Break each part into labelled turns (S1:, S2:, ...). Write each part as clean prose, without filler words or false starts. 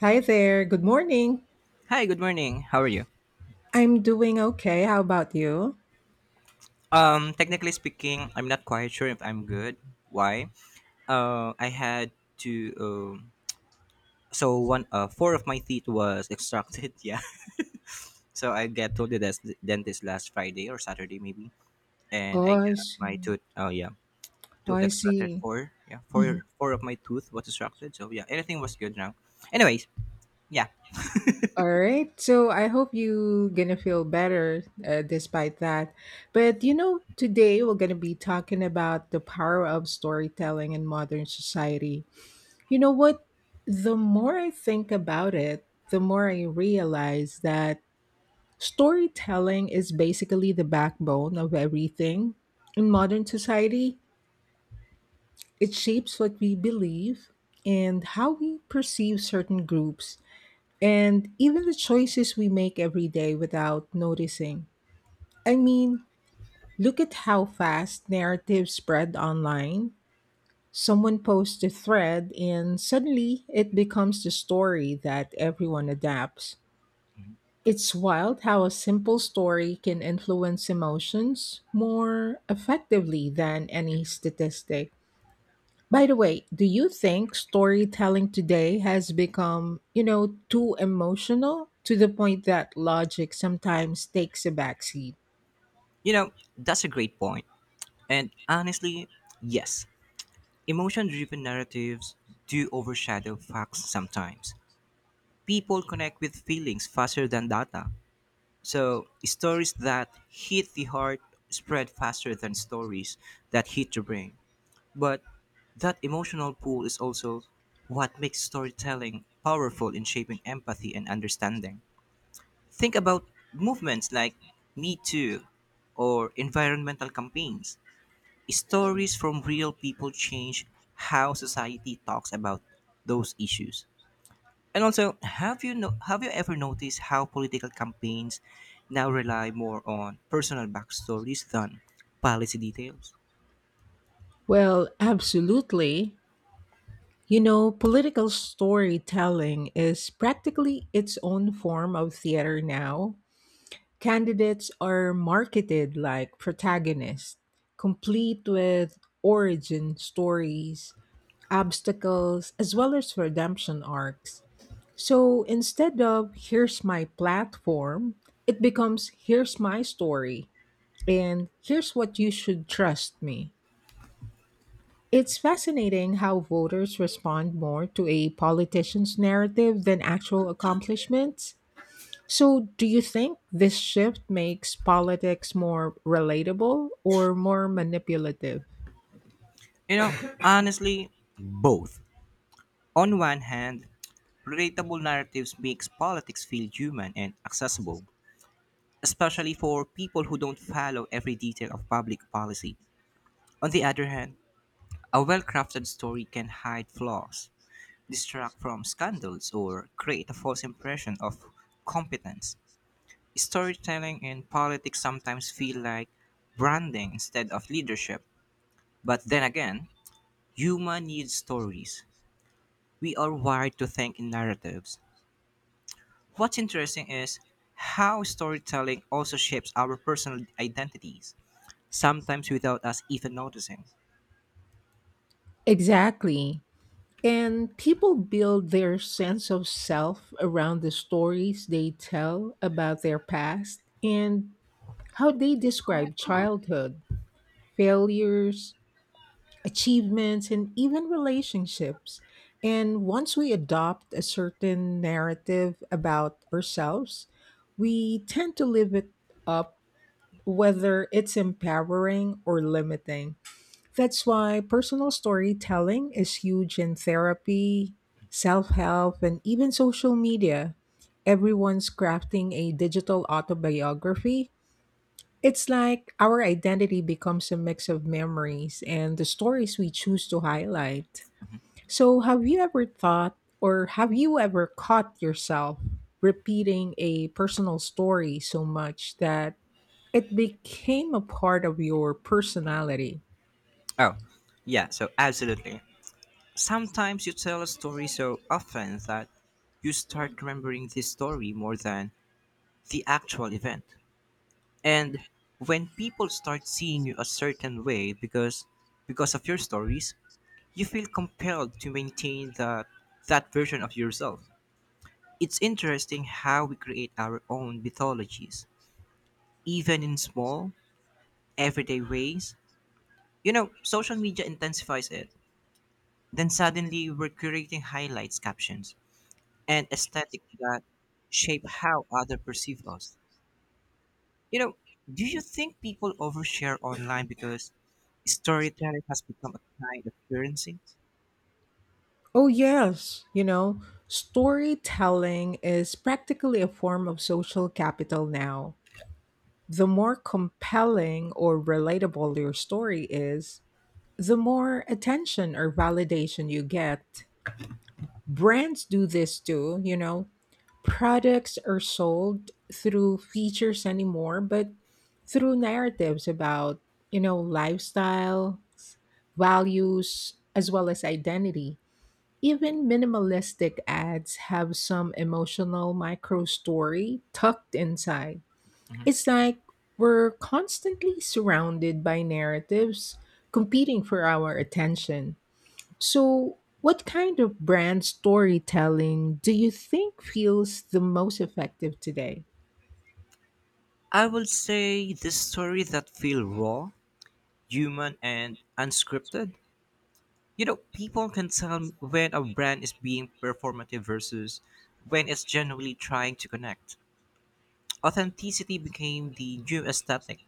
S1: Hi there. Good morning.
S2: Hi, good morning. How are you?
S1: I'm doing okay. How about you?
S2: Technically speaking, I'm not quite sure if I'm good. Why? I had to. So one, four of my teeth was extracted. Yeah. So I got to the dentist last Friday or Saturday maybe, and
S1: Oh,
S2: I
S1: I
S2: got my
S1: see.
S2: tooth. Oh yeah,
S1: Oh,
S2: tooth
S1: I
S2: extracted.
S1: see.
S2: Four. Yeah,
S1: Mhm.
S2: four. Four of my tooth was extracted. So yeah, everything was good now. Anyways, yeah.
S1: All right. So I hope you gonna feel better despite that. But you know, today we're gonna be talking about the power of storytelling in modern society. You know what? The more I think about it, the more I realize that storytelling is basically the backbone of everything in modern society. It shapes what we believe and how we perceive certain groups, and even the choices we make every day without noticing. I mean, look at how fast narratives spread online. Someone posts a thread, and suddenly it becomes the story that everyone adapts. It's wild how a simple story can influence emotions more effectively than any statistic. By the way, do you think storytelling today has become, you know, too emotional to the point that logic sometimes takes a backseat?
S2: You know, that's a great point, and honestly, yes. Emotion driven narratives do overshadow facts sometimes. People connect with feelings faster than data. So, stories that hit the heart spread faster than stories that hit the brain. But that emotional pull is also what makes storytelling powerful in shaping empathy and understanding. Think about movements like Me Too or environmental campaigns, stories from real people change how society talks about those issues. And also, have you no- have you ever noticed how political campaigns now rely more on personal backstories than policy details?
S1: Well, absolutely. You know, political storytelling is practically its own form of theater now. Candidates are marketed like protagonists, complete with origin stories, obstacles, as well as redemption arcs. So instead of here's my platform, it becomes here's my story and here's what you should trust me. It's fascinating how voters respond more to a politician's narrative than actual accomplishments. So, do you think this shift makes politics more relatable or more manipulative?
S2: You know, honestly, both. On one hand, relatable narratives makes politics feel human and accessible, especially for people who don't follow every detail of public policy. On the other hand, a well-crafted story can hide flaws, distract from scandals, or create a false impression of competence. Storytelling in politics sometimes feel like branding instead of leadership. But then again, human needs stories. We are wired to think in narratives. What's interesting is how storytelling also shapes our personal identities, sometimes without us even noticing.
S1: Exactly. And people build their sense of self around the stories they tell about their past and how they describe childhood, failures, achievements, and even relationships. And once we adopt a certain narrative about ourselves, we tend to live it up, whether it's empowering or limiting. That's why personal storytelling is huge in therapy, self help, and even social media. Everyone's crafting a digital autobiography. It's like our identity becomes a mix of memories and the stories we choose to highlight. So, have you ever thought or have you ever caught yourself repeating a personal story so much that it became a part of your personality?
S2: Oh, yeah, so absolutely. Sometimes you tell a story so often that you start remembering the story more than the actual event. And when people start seeing you a certain way because of your stories, you feel compelled to maintain that version of yourself. It's interesting how we create our own mythologies, even in small, everyday ways. You know, social media intensifies it. Then suddenly we're creating highlights, captions and aesthetic that shape how others perceive us. You know, do you think people overshare online because storytelling has become a kind of currency?
S1: Oh, yes. You know, storytelling is practically a form of social capital now. The more compelling or relatable your story is, the more attention or validation you get. Brands do this too, you know. Products are sold through features anymore, but through narratives about, you know, lifestyle, values, as well as identity. Even minimalistic ads have some emotional micro story tucked inside. It's like we're constantly surrounded by narratives competing for our attention. So, what kind of brand storytelling do you think feels the most effective today?
S2: I will say the story that feel raw, human, and unscripted. You know, people can tell when a brand is being performative versus when it's genuinely trying to connect. Authenticity became the new aesthetic,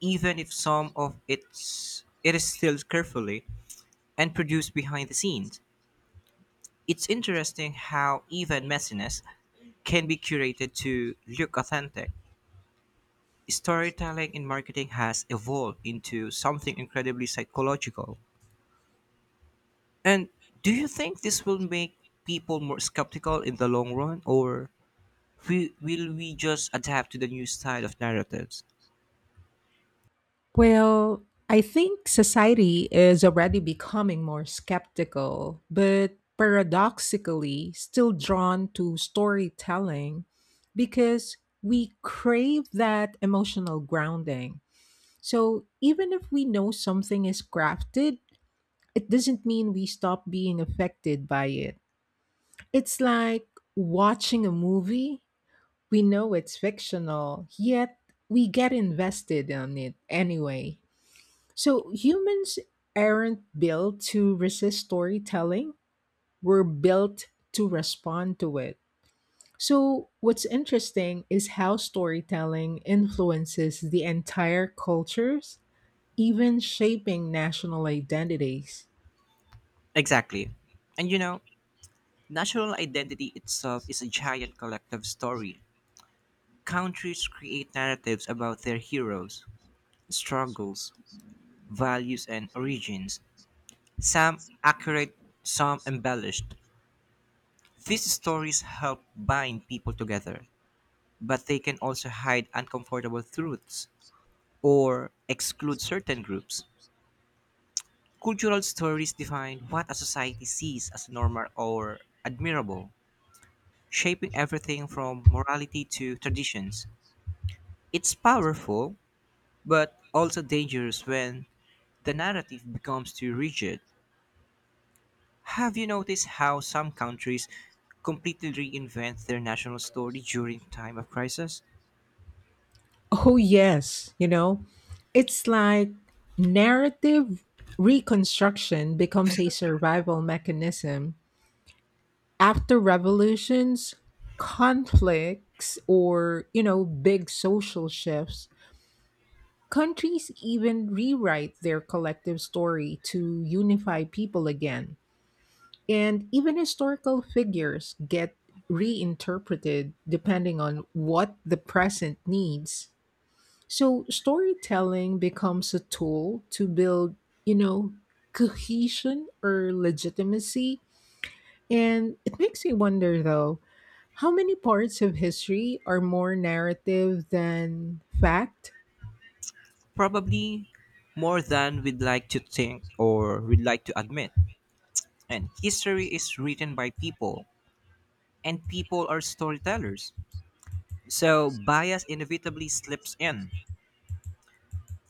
S2: even if some of it is still carefully and produced behind the scenes. It's interesting how even messiness can be curated to look authentic. Storytelling in marketing has evolved into something incredibly psychological. And do you think this will make people more skeptical in the long run, or will we just adapt to the new style of narratives?
S1: Well, I think society is already becoming more skeptical, but paradoxically still drawn to storytelling because we crave that emotional grounding. So, even if we know something is crafted, it doesn't mean we stop being affected by it. It's like watching a movie. We know it's fictional, yet we get invested in it anyway. So humans aren't built to resist storytelling, we're built to respond to it. So, what's interesting is how storytelling influences the entire cultures, even shaping national identities.
S2: Exactly. And you know, national identity itself is a giant collective story. Countries create narratives about their heroes, struggles, values, and origins, some accurate, some embellished. These stories help bind people together, but they can also hide uncomfortable truths or exclude certain groups. Cultural stories define what a society sees as normal or admirable, shaping everything from morality to traditions. It's powerful, but also dangerous when the narrative becomes too rigid. Have you noticed how some countries completely reinvent their national story during time of crisis?
S1: Oh, yes. You know, it's like narrative reconstruction becomes a survival mechanism. After revolutions, conflicts, or, you know, big social shifts, countries even rewrite their collective story to unify people again. And even historical figures get reinterpreted depending on what the present needs. So storytelling becomes a tool to build, you know, cohesion or legitimacy. And it makes me wonder though, how many parts of history are more narrative than fact?
S2: Probably more than we'd like to think or we'd like to admit. And history is written by people, and people are storytellers. So bias inevitably slips in.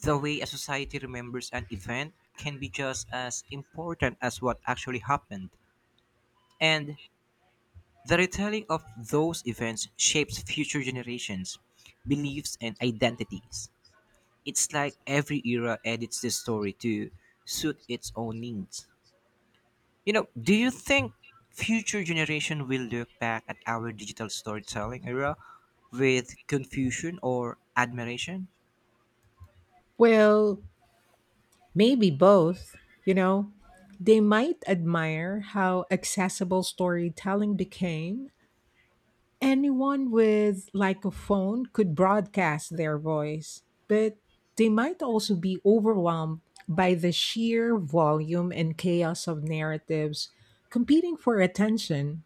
S2: The way a society remembers an event can be just as important as what actually happened. And the retelling of those events shapes future generations' beliefs and identities. It's like every era edits the story to suit its own needs. You know, do you think future generation will look back at our digital storytelling era with confusion or admiration?
S1: Well, maybe both, you know. They might admire how accessible storytelling became. Anyone with like a phone could broadcast their voice, but they might also be overwhelmed by the sheer volume and chaos of narratives competing for attention.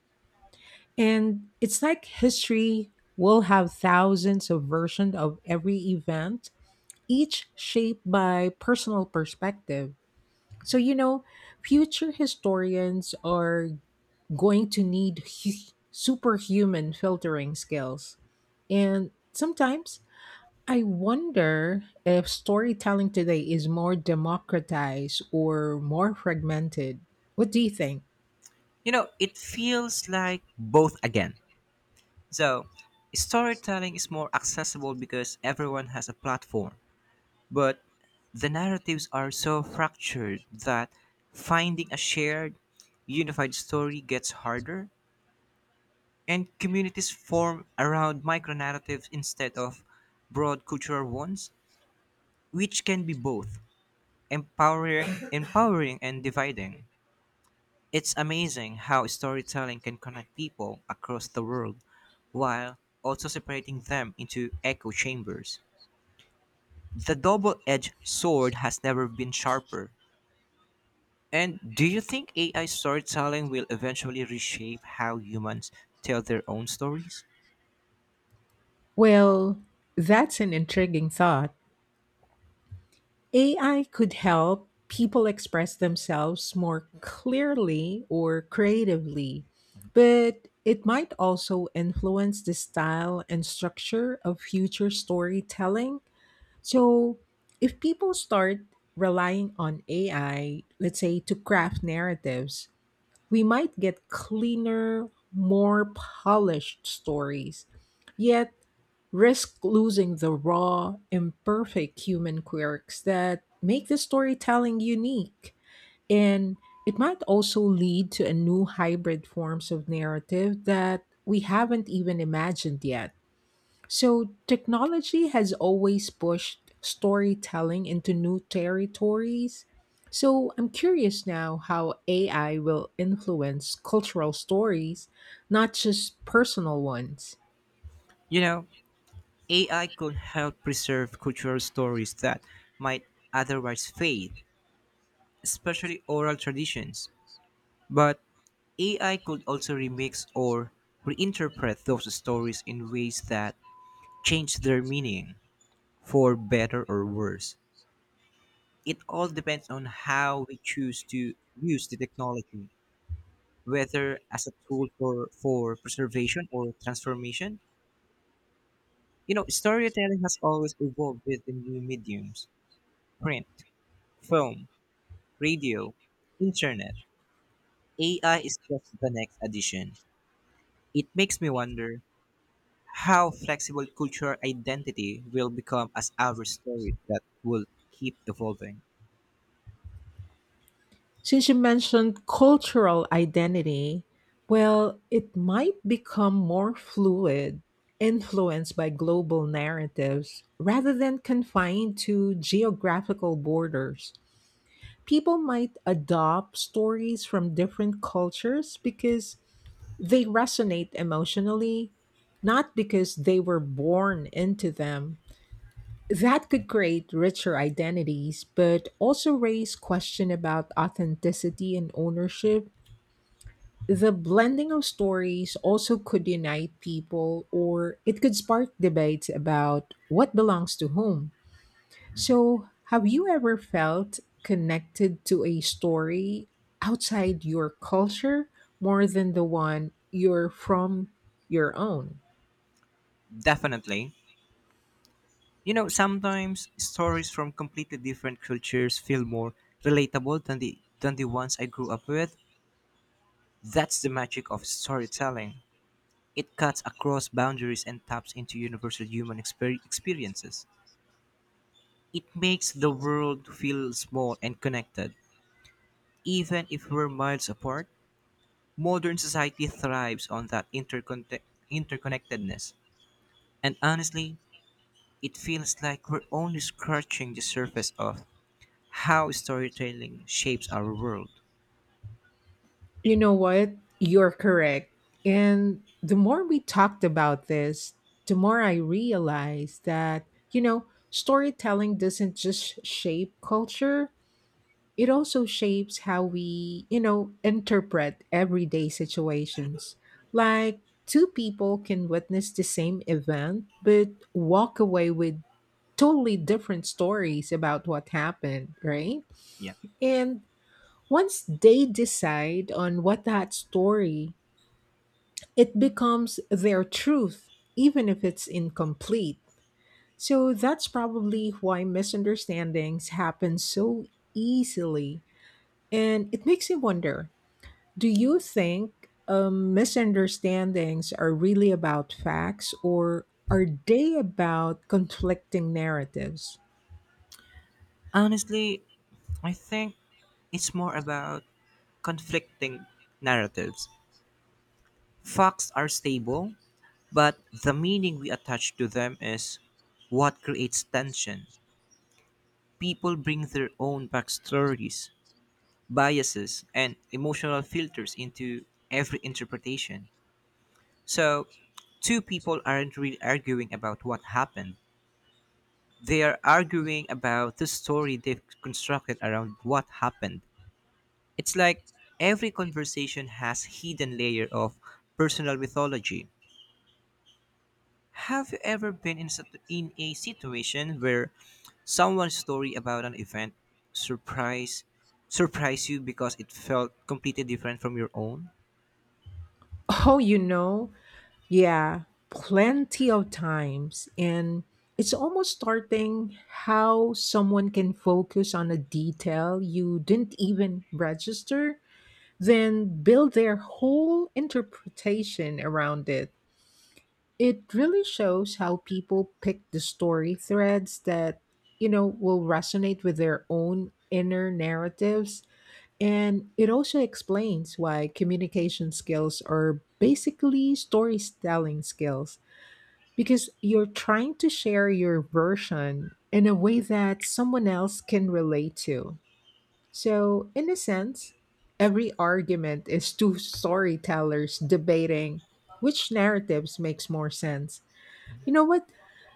S1: And it's like history will have thousands of versions of every event, each shaped by personal perspective. So, you know, future historians are going to need superhuman filtering skills. And sometimes I wonder if storytelling today is more democratized or more fragmented. What do you think?
S2: You know, it feels like both again. So, storytelling is more accessible because everyone has a platform. But the narratives are so fractured that finding a shared, unified story gets harder, and communities form around micro narratives instead of broad cultural ones, which can be both empowering and dividing. It's amazing how storytelling can connect people across the world while also separating them into echo chambers. The double edged sword has never been sharper. And do you think AI storytelling will eventually reshape how humans tell their own stories?
S1: Well, that's an intriguing thought. AI could help people express themselves more clearly or creatively, but it might also influence the style and structure of future storytelling. So, if people start relying on AI, let's say to craft narratives, we might get cleaner, more polished stories, yet risk losing the raw, imperfect human quirks that make the storytelling unique. And it might also lead to a new hybrid forms of narrative that we haven't even imagined yet. So, technology has always pushed storytelling into new territories. So, I'm curious now how AI will influence cultural stories, not just personal ones.
S2: You know, AI could help preserve cultural stories that might otherwise fade, especially oral traditions. But AI could also remix or reinterpret those stories in ways that change their meaning, for better or worse. It all depends on how we choose to use the technology, whether as a tool for preservation or transformation. You know, storytelling has always evolved with the new mediums: print, film, radio, internet. AI is just the next addition. It makes me wonder how flexible cultural identity will become as our stories that will keep evolving.
S1: Since you mentioned cultural identity, well, it might become more fluid, influenced by global narratives rather than confined to geographical borders. People might adopt stories from different cultures because they resonate emotionally, not because they were born into them. That could create richer identities, but also raise question about authenticity and ownership. The blending of stories also could unite people or it could spark debates about what belongs to whom. So, have you ever felt connected to a story outside your culture more than the one you're from your own?
S2: Definitely. You know, sometimes stories from completely different cultures feel more relatable than the ones I grew up with. That's the magic of storytelling. It cuts across boundaries and taps into universal experiences. It makes the world feel small and connected. Even if we're miles apart, modern society thrives on that interconnectedness. And honestly, it feels like we're only scratching the surface of how storytelling shapes our world.
S1: You know what? You're correct. And the more we talked about this, the more I realized that, you know, storytelling doesn't just shape culture, it also shapes how we, you know, interpret everyday situations. Like two people can witness the same event, but walk away with totally different stories about what happened, right?
S2: Yeah.
S1: And once they decide on what that story, it becomes their truth, even if it's incomplete. So that's probably why misunderstandings happen so easily. And it makes me wonder, do you think misunderstandings are really about facts or are they about conflicting narratives?
S2: Honestly, I think it's more about conflicting narratives. Facts are stable, but the meaning we attach to them is what creates tension. People bring their own backstories, biases, and emotional filters into every interpretation. So, two people aren't really arguing about what happened. They are arguing about the story they've constructed around what happened. It's like every conversation has hidden layer of personal mythology. Have you ever been in a situation where someone's story about an event surprise surprised you because it felt completely different from your own?
S1: Oh, you know, yeah, plenty of times. And it's almost starting how someone can focus on a detail you didn't even register, then build their whole interpretation around it. It really shows how people pick the story threads that, you know, will resonate with their own inner narratives. And it also explains why communication skills are basically storytelling skills because you're trying to share your version in a way that someone else can relate to. So, in a sense, every argument is two storytellers debating which narratives makes more sense. You know what?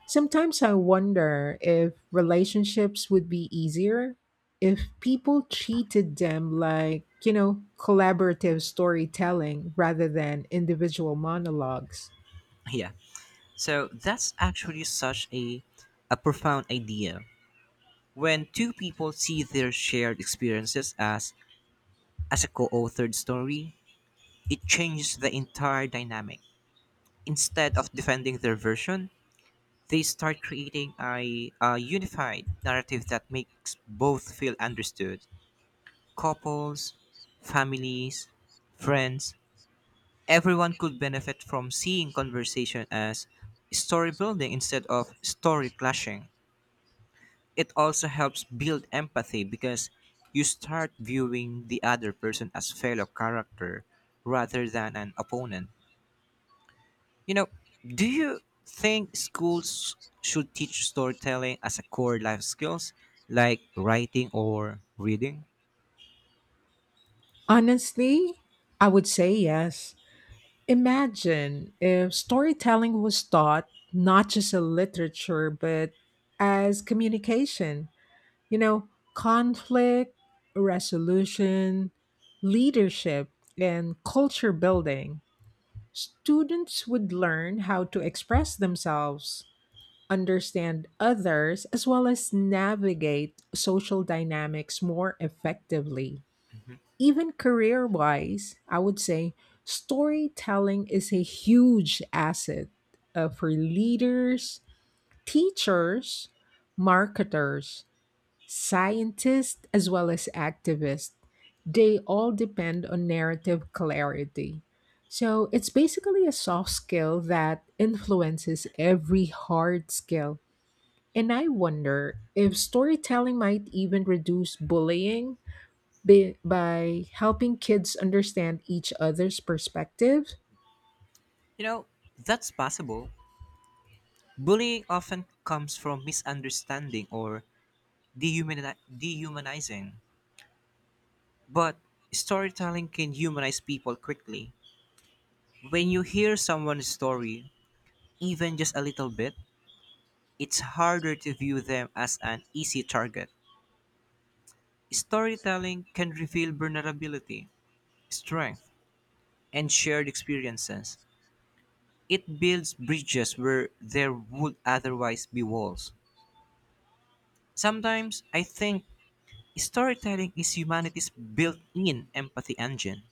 S1: Sometimes I wonder if relationships would be easier if people treated them like, you know, collaborative storytelling rather than individual monologues.
S2: Yeah. So that's actually such a profound idea. When two people see their shared experiences as a co-authored story, it changes the entire dynamic. Instead of defending their version, they start creating a unified narrative that makes both feel understood. Couples, families, friends, everyone could benefit from seeing conversation as story building instead of story clashing. It also helps build empathy because you start viewing the other person as fellow character rather than an opponent. You know, do you think schools should teach storytelling as a core life skills like writing or reading?
S1: Honestly, I would say yes. Imagine if storytelling was taught not just as literature, but as communication. You know, conflict resolution, leadership, and culture building, students would learn how to express themselves, understand others, as well as navigate social dynamics more effectively. Even career wise, I would say storytelling is a huge asset for leaders, teachers, marketers, scientists as well as activists, they all depend on narrative clarity. So it's basically a soft skill that influences every hard skill. And I wonder if storytelling might even reduce bullying by, helping kids understand each other's perspective.
S2: You know, that's possible. Bullying often comes from misunderstanding or dehumanizing, but storytelling can humanize people quickly. When you hear someone's story, even just a little bit, it's harder to view them as an easy target. Storytelling can reveal vulnerability, strength, and shared experiences. It builds bridges where there would otherwise be walls. Sometimes I think storytelling is humanity's built in empathy engine.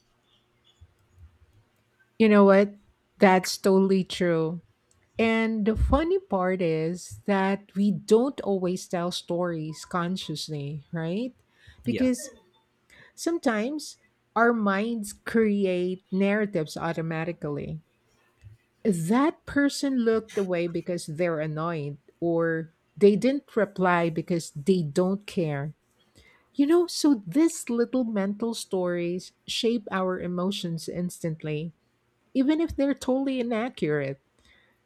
S1: You know what? That's totally true. And the funny part is that we don't always tell stories consciously, right?
S2: Yeah.
S1: Because sometimes our minds create narratives automatically. That person looked away because they're annoyed, or they didn't reply because they don't care. You know, so these little mental stories shape our emotions instantly, even if they're totally inaccurate.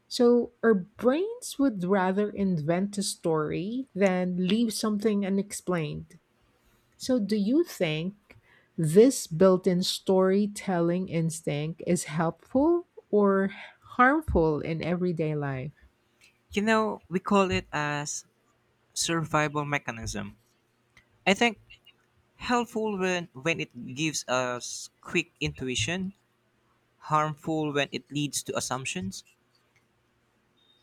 S1: So our brains would rather invent a story than leave something unexplained. So do you think this built-in storytelling instinct is helpful or harmful in everyday life?
S2: You know, we call it as survival mechanism. I think helpful when it gives us quick intuition, harmful when it leads to assumptions.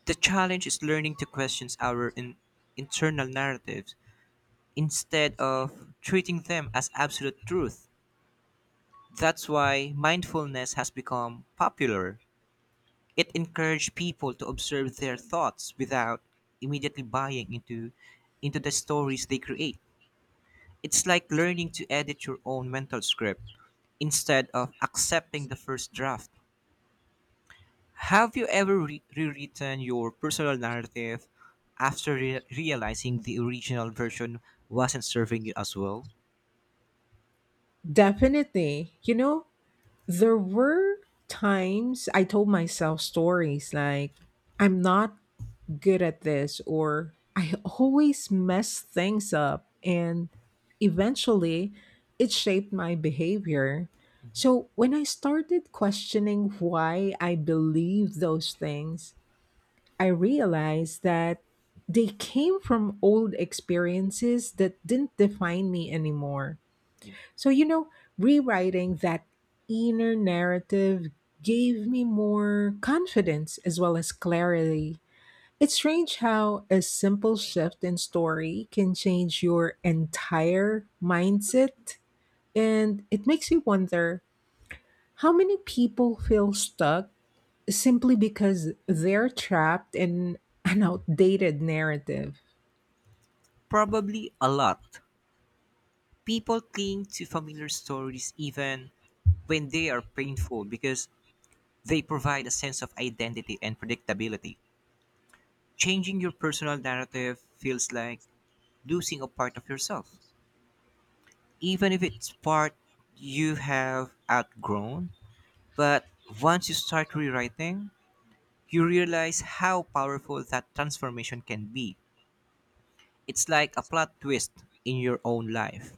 S2: The challenge is learning to question our internal narratives instead of treating them as absolute truth. That's why mindfulness has become popular. It encouraged people to observe their thoughts without immediately buying into the stories they create. It's like learning to edit your own mental script instead of accepting the first draft. Have you ever rewritten your personal narrative after realizing the original version wasn't serving you as well?
S1: Definitely. You know, there were times I told myself stories like I'm not good at this or I always mess things up and eventually it shaped my behavior. So when I started questioning why I believed those things, I realized that they came from old experiences that didn't define me anymore.
S2: Yeah.
S1: So, you know, rewriting that inner narrative gave me more confidence as well as clarity. It's strange how a simple shift in story can change your entire mindset. And it makes you wonder how many people feel stuck simply because they're trapped in an outdated narrative.
S2: Probably a lot. People cling to familiar stories even when they are painful because they provide a sense of identity and predictability. Changing your personal narrative feels like losing a part of yourself, even if it's part you have outgrown. But once you start rewriting, you realize how powerful that transformation can be. It's like a plot twist in your own life.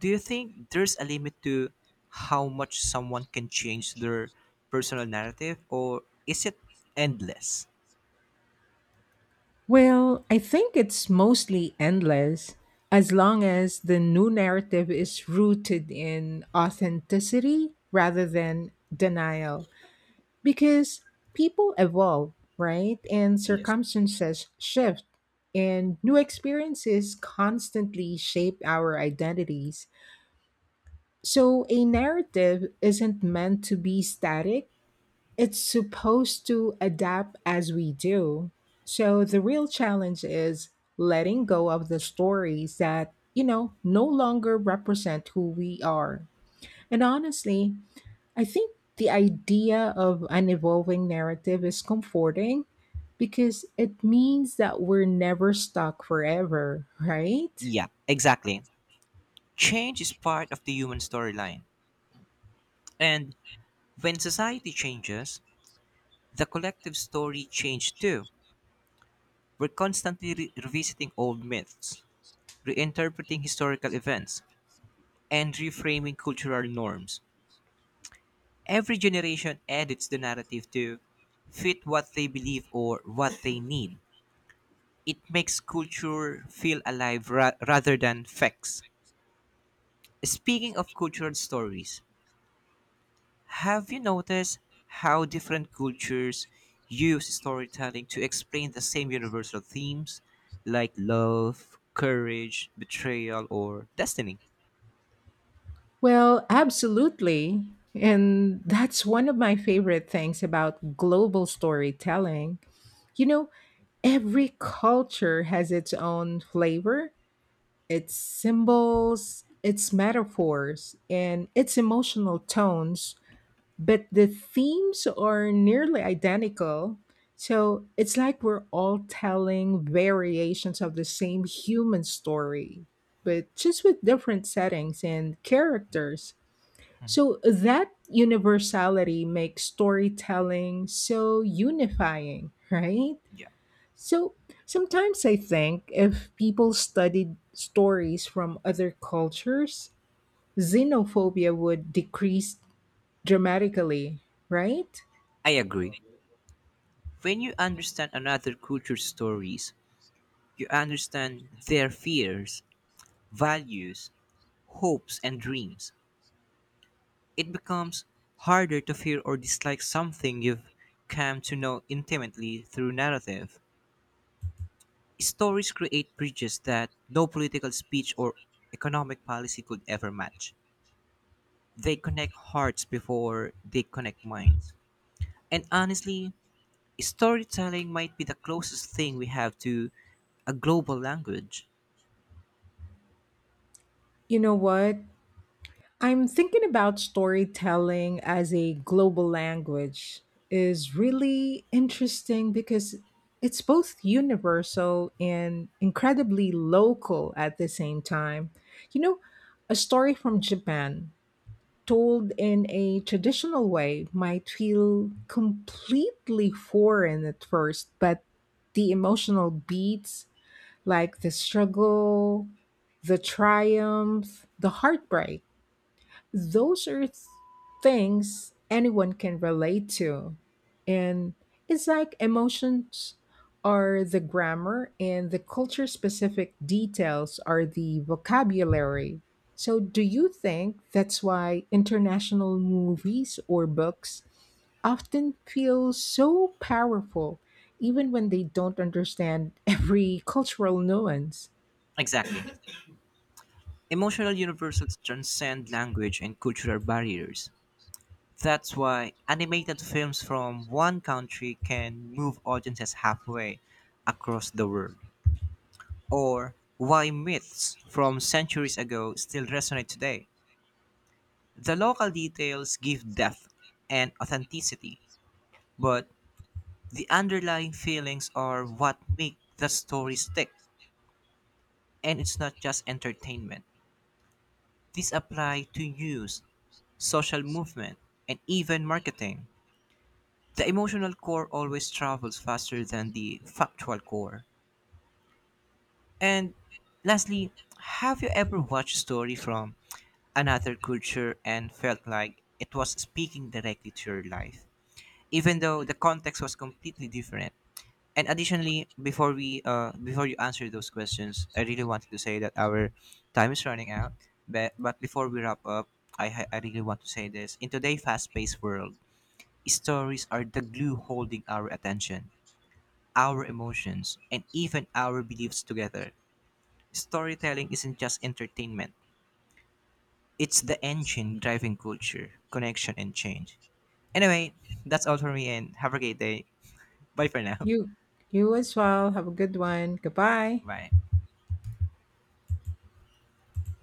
S2: Do you think there's a limit to how much someone can change their personal narrative, or is it endless?
S1: Well, I think it's mostly endless as long as the new narrative is rooted in authenticity rather than denial. Because people evolve, right? And
S2: Yes.
S1: circumstances shift, and new experiences constantly shape our identities. So, a narrative isn't meant to be static, it's supposed to adapt as we do. So, the real challenge is letting go of the stories that, you know, no longer represent who we are. And honestly, I think the idea of an evolving narrative is comforting because it means that we're never stuck forever, right?
S2: Yeah, exactly. Change is part of the human storyline. And when society changes, the collective story changes too. We're constantly revisiting old myths, reinterpreting historical events, and reframing cultural norms. Every generation edits the narrative to fit what they believe or what they need. It makes culture feel alive rather than facts. Speaking of cultural stories, have you noticed how different cultures use storytelling to explain the same universal themes like love, courage, betrayal, or destiny?
S1: Well, absolutely. And that's one of my favorite things about global storytelling. You know, every culture has its own flavor, its symbols, its metaphors, and its emotional tones but the themes are nearly identical. So it's like we're all telling variations of the same human story, but just with different settings and characters. So that universality makes storytelling so unifying, right?
S2: Yeah,
S1: So sometimes I think if people studied stories from other cultures, xenophobia would decrease dramatically, right?
S2: I agree. When you understand another culture's stories, you understand their fears, values, hopes, and dreams. It becomes harder to fear or dislike something you've come to know intimately through narrative. Stories create bridges that no political speech or economic policy could ever match. They connect hearts before they connect minds. And honestly, storytelling might be the closest thing we have to a global language.
S1: You know what? I'm thinking about storytelling as a global language is really interesting because it's both universal and incredibly local at the same time. You know, a story from Japan told in a traditional way might feel completely foreign at first, but the emotional beats, like the struggle, the triumph, the heartbreak, those are things anyone can relate to. And it's like emotions are the grammar and the culture specific details are the vocabulary. So, do you think that's why international movies or books often feel so powerful, even when they don't understand every cultural nuance?
S2: Exactly. Emotional universals transcend language and cultural barriers. That's why animated films from one country can move audiences halfway across the world. Or why myths from centuries ago still resonate today. The local details give depth and authenticity, but the underlying feelings are what make the story stick. And it's not just entertainment. This applies to news, social movement, and even marketing. The emotional core always travels faster than the factual core. And lastly, have you ever watched a story from another culture and felt like it was speaking directly to your life, even though the context was completely different? And additionally, before you answer those questions, I really wanted to say that our time is running out. But before we wrap up, I really want to say this. In today's fast-paced world, stories are the glue holding our attention, our emotions, and even our beliefs together. Storytelling isn't just entertainment, it's the engine driving culture, connection, and change. Anyway, that's all for me, and have a great day. Bye for now.
S1: You, you as well. Have a good one. Goodbye.
S2: Bye.